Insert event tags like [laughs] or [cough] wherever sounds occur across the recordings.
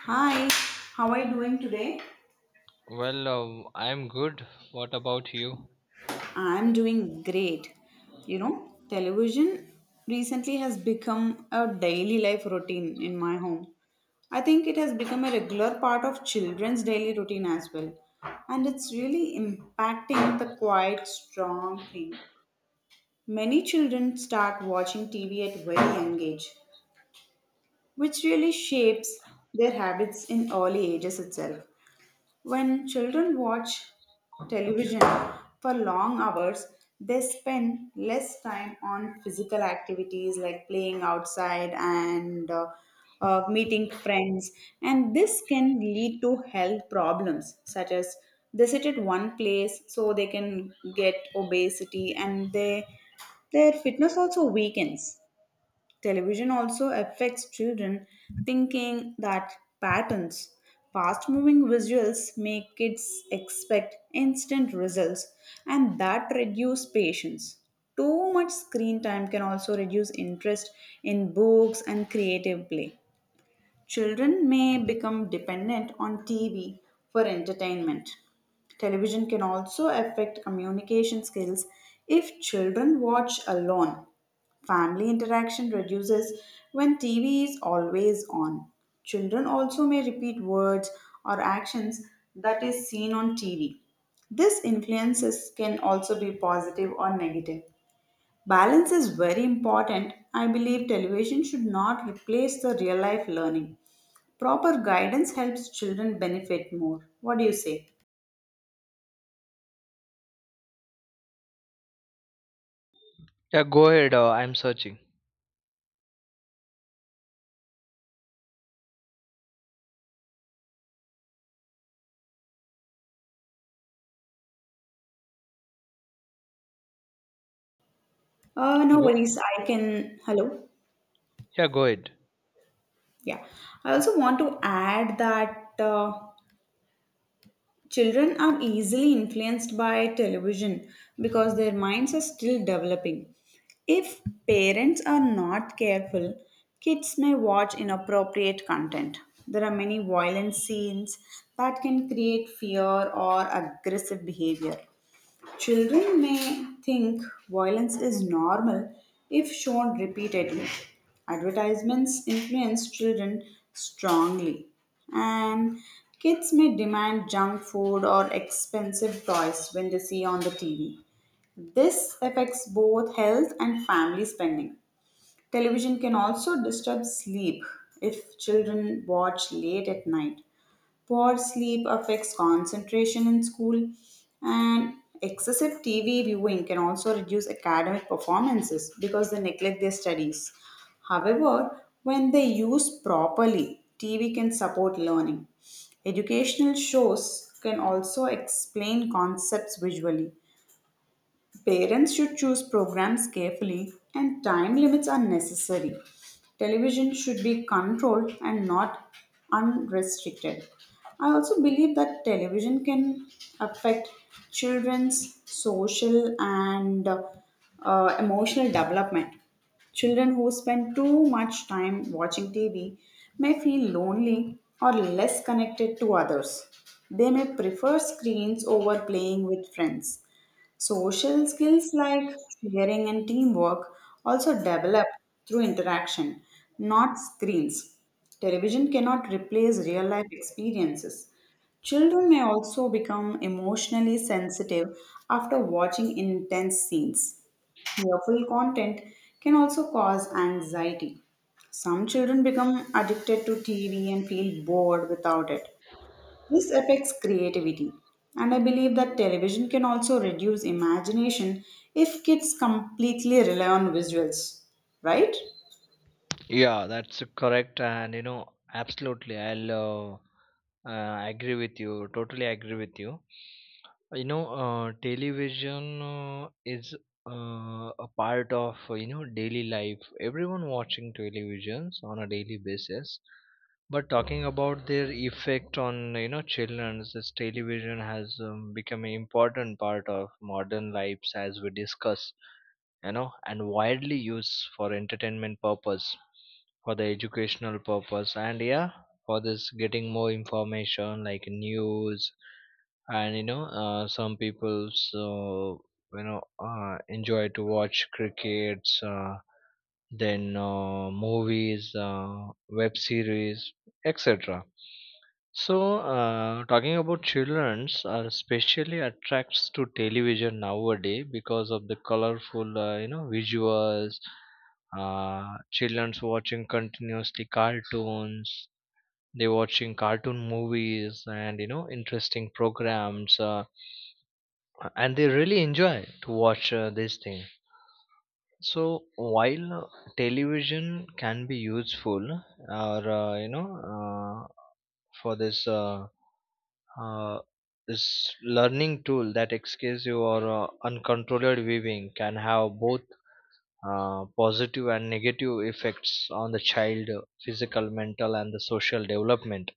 Hi, how are you doing today? I'm good. What about you? I'm doing great. You know, television recently has become a daily life routine in my home. I think it has become a regular part of children's daily routine as well. And it's really impacting the quite strong thing. Many children start watching TV at very young age, which really shapes their habits in early ages itself. When children watch television for long hours, they spend less time on physical activities like playing outside and meeting friends, and this can lead to health problems such as they sit at one place so they can get obesity and they their fitness also weakens. Television also affects children thinking that patterns, fast moving visuals make kids expect instant results and that reduce patience. Too much screen time can also reduce interest in books and creative play. Children may become dependent on TV for entertainment. Television can also affect communication skills if children watch alone. Family interaction reduces when TV is always on. Children also may repeat words or actions that is seen on TV. This influences can also be positive or negative. Balance is very important. I believe television should not replace the real life learning. Proper guidance helps children benefit more. What do you say? Yeah, go ahead. I'm searching. No Go. worries. I can. Hello. Yeah, go ahead. Yeah. I also want to add that children are easily influenced by television because their minds are still developing. If parents are not careful, kids may watch inappropriate content. There are many violent scenes that can create fear or aggressive behavior. Children may think violence is normal if shown repeatedly. Advertisements influence children strongly, and kids may demand junk food or expensive toys when they see on the TV. This affects both health and family spending. Television can also disturb sleep if children watch late at night. Poor sleep affects concentration in school, and excessive TV viewing can also reduce academic performances because they neglect their studies. However, when they use properly, TV can support learning. Educational shows can also explain concepts visually. Parents should choose programs carefully, and time limits are necessary. Television should be controlled and not unrestricted. I also believe that television can affect children's social and emotional development. Children who spend too much time watching TV may feel lonely or less connected to others. They may prefer screens over playing with friends. Social skills like sharing and teamwork also develop through interaction, not screens. Television cannot replace real life experiences. Children may also become emotionally sensitive after watching intense scenes. Fearful content can also cause anxiety. Some children become addicted to TV and feel bored without it. This affects creativity, and I believe that television can also reduce imagination if kids completely rely on visuals, right? Yeah, that's correct. And you know, absolutely, I'll agree with you. Totally agree with you. Television is a part of you know daily life. Everyone watching televisions on a daily basis. But talking about their effect on you know children, this television has become an important part of modern lives as we discuss. You know, and widely used for entertainment purpose, for the educational purpose, and yeah, for this getting more information like news and some people so enjoy to watch crickets then movies web series etc. So talking about children's are especially attracts to television nowadays because of the colorful you know visuals. Children's watching continuously cartoons, they watching cartoon movies and you know interesting programs, and they really enjoy to watch this thing. So while television can be useful or you know, uh, for this uh, this learning tool that excuse you or uncontrolled viewing can have both positive and negative effects on the child, physical, mental and the social development.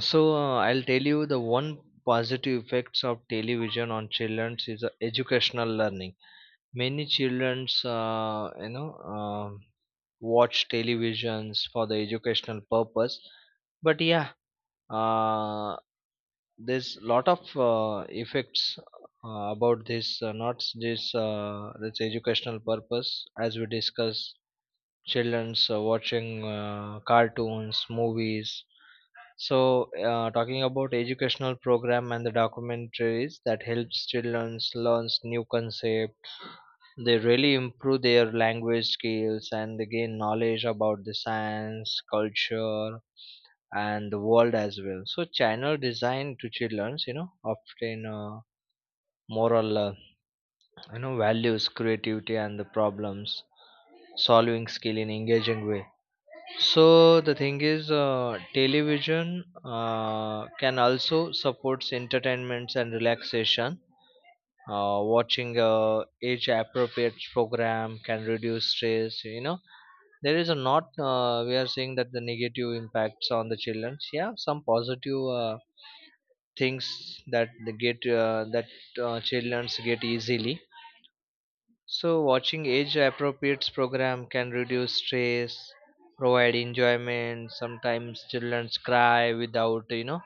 So I'll tell you the one positive effects of television on children is educational learning. Many childrens, watch televisions for the educational purpose. But yeah, uh, there's lot of effects about this. Not this educational purpose as we discuss childrens watching cartoons, movies, so, talking about educational program and the documentaries that helps children learns new concept, they really improve their language skills and they gain knowledge about the science, culture, and the world as well. So, channel design to childrens, you know, often moral, you know, values, creativity, and the problems solving skill in engaging way. So the thing is, television can also supports entertainments and relaxation. Watching a age-appropriate program can reduce stress. You know, there is a not. We are saying that the negative impacts on the children. Yeah, some positive things that they get that children get easily, so, watching age appropriate program can reduce stress, provide enjoyment. Sometimes children cry without, you know,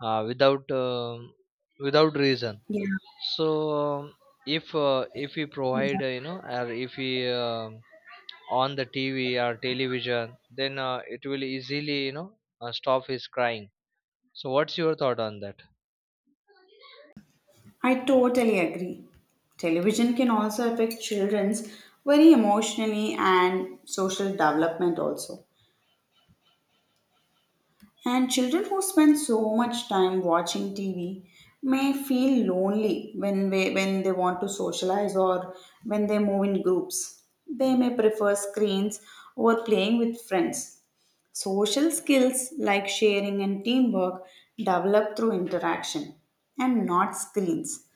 uh, without um without reason. Yeah, So, if we provide, you know, or if we on the TV or television, then it will easily, you know, stop his crying. So, what's your thought on that? I totally agree. Television can also affect children's very emotionally and social development also. And children who spend so much time watching TV may feel lonely when they want to socialize or when they move in groups. They may prefer screens over playing with friends. Social skills like sharing and teamwork develop through interaction and not screens.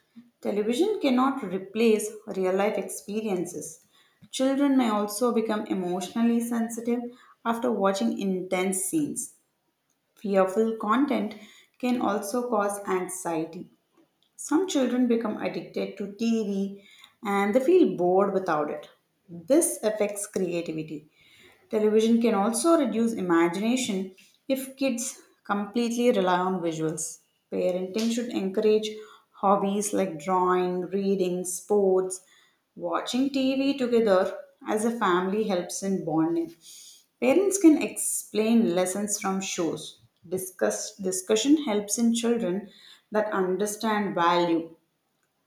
Television cannot replace real life experiences. Children may also become emotionally sensitive after watching intense scenes. Fearful content can also cause anxiety. Some children become addicted to TV and they feel bored without it. This affects creativity. Television can also reduce imagination if kids completely rely on visuals. Parenting should encourage hobbies like drawing, reading, sports. Watching TV together as a family helps in bonding. Parents can explain lessons from shows. Discussion helps in children that understand value.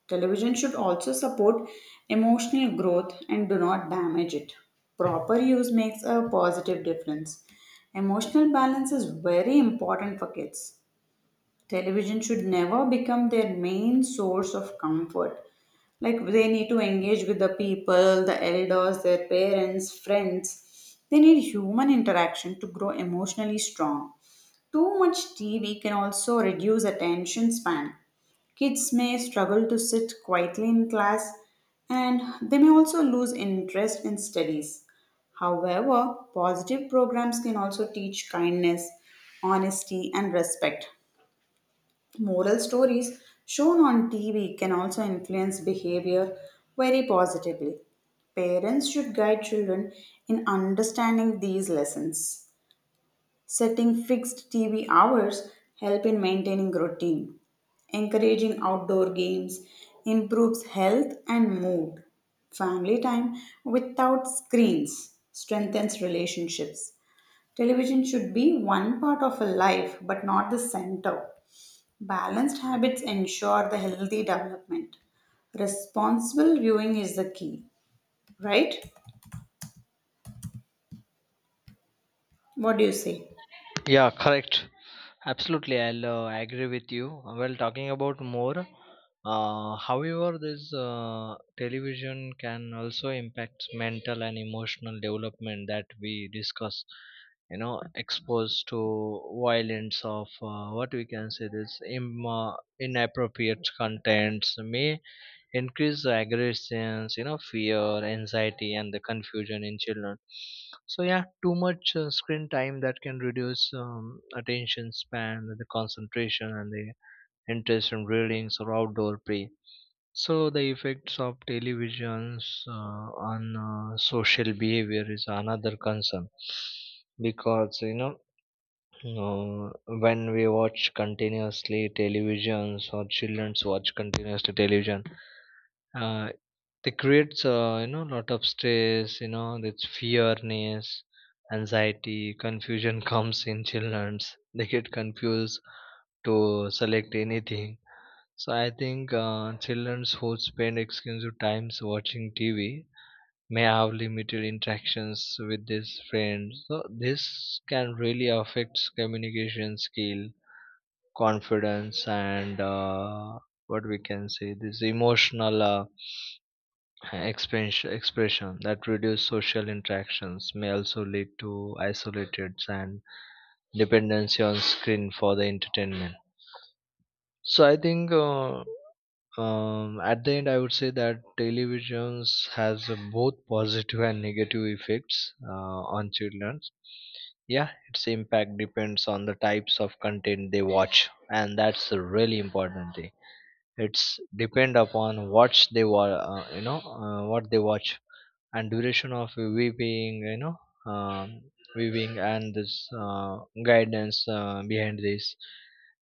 Television should also support emotional growth and do not damage it. Proper use makes a positive difference. Emotional balance is very important for kids. Television should never become their main source of comfort. Like they need to engage with the people, the elders, their parents, friends. They need human interaction to grow emotionally strong. Too much TV can also reduce attention span. Kids may struggle to sit quietly in class and they may also lose interest in studies. However, positive programs can also teach kindness, honesty, and respect. Moral stories shown on TV can also influence behavior very positively. Parents should guide children in understanding these lessons. Setting fixed TV hours help in maintaining routine. Encouraging outdoor games improves health and mood. Family time without screens strengthens relationships. Television should be one part of a life but not the center. Balanced habits ensure the healthy development. Responsible viewing is the key, right? What do you say? Yeah, correct. Absolutely, I'll agree with you. Well, talking about more, however, this television can also impact mental and emotional development that we discuss. You know, exposed to violence of what we can say this inappropriate contents may increase the aggressions, you know, fear, anxiety and the confusion in children. So yeah, too much screen time that can reduce attention span, the concentration and the interest in readings or outdoor play. So the effects of televisions on social behavior is another concern because you know uh, when we watch continuously televisions or childrens watch continuously television, uh, they creates you know lot of stress, you know, it's fearness, anxiety, confusion [laughs] comes in childrens [laughs] they get confused to select anything. So I think children who spend extensive times watching TV may have limited interactions with their friends, so this can really affect communication skill, confidence and what we can say this emotional expression that reduce social interactions may also lead to isolated and dependency on screen for the entertainment. So I think at the end I would say that televisions has both positive and negative effects on children. Yeah, its impact depends on the types of content they watch, and that's a really important thing. It's depend upon what you know what they watch and duration of weaving, you know, um, weaving and this uh, guidance behind this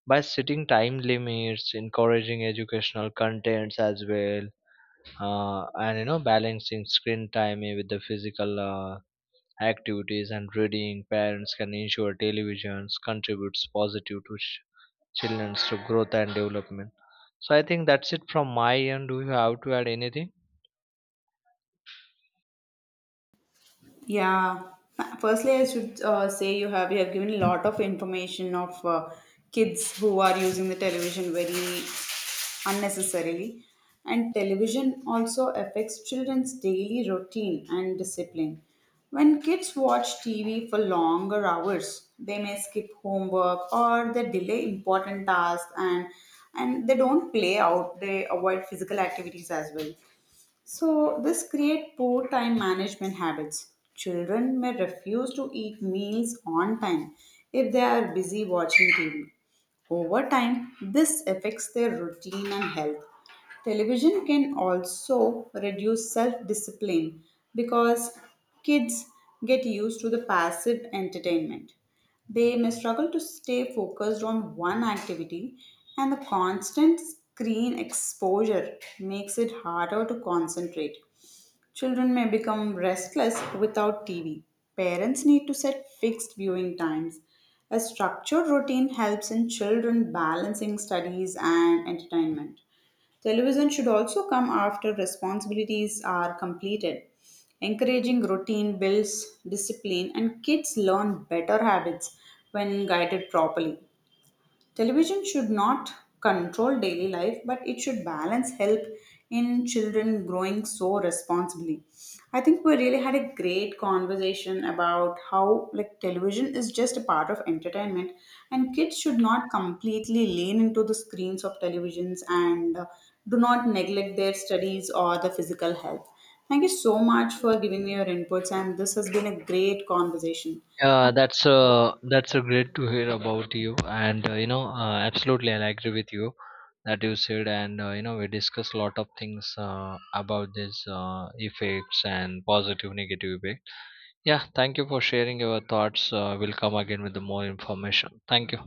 by setting time limits, encouraging educational contents as well, and you know balancing screen time with the physical activities and reading, parents can ensure televisions contributes positive to children's to growth and development. So I think that's it from my end. Do you have to add anything? Yeah. Firstly, I should say you have given a lot of information of kids who are using the television very unnecessarily, and television also affects children's daily routine and discipline. When kids watch TV for longer hours, they may skip homework or they delay important tasks and they don't play out. They avoid physical activities as well. So, this creates poor time management habits. Children may refuse to eat meals on time if they are busy watching TV. Over time, this affects their routine and health. Television can also reduce self discipline because kids get used to the passive entertainment. They may struggle to stay focused on one activity, and the constant screen exposure makes it harder to concentrate. Children may become restless without TV. Parents need to set fixed viewing times. A structured routine helps in children balancing studies and entertainment. Television should also come after responsibilities are completed. Encouraging routine builds discipline, and kids learn better habits when guided properly. Television should not control daily life, but it should balance help in children growing so responsibly. I think we really had a great conversation about how like television is just a part of entertainment and kids should not completely lean into the screens of televisions and do not neglect their studies or the physical health. Thank you so much for giving me your inputs and this has been a great conversation. Yeah, that's great to hear about you, and you know, absolutely, I agree with you that you said, and you know, we discussed a lot of things about this effects and positive, negative effect. Yeah, thank you for sharing your thoughts. We'll come again with the more information. Thank you.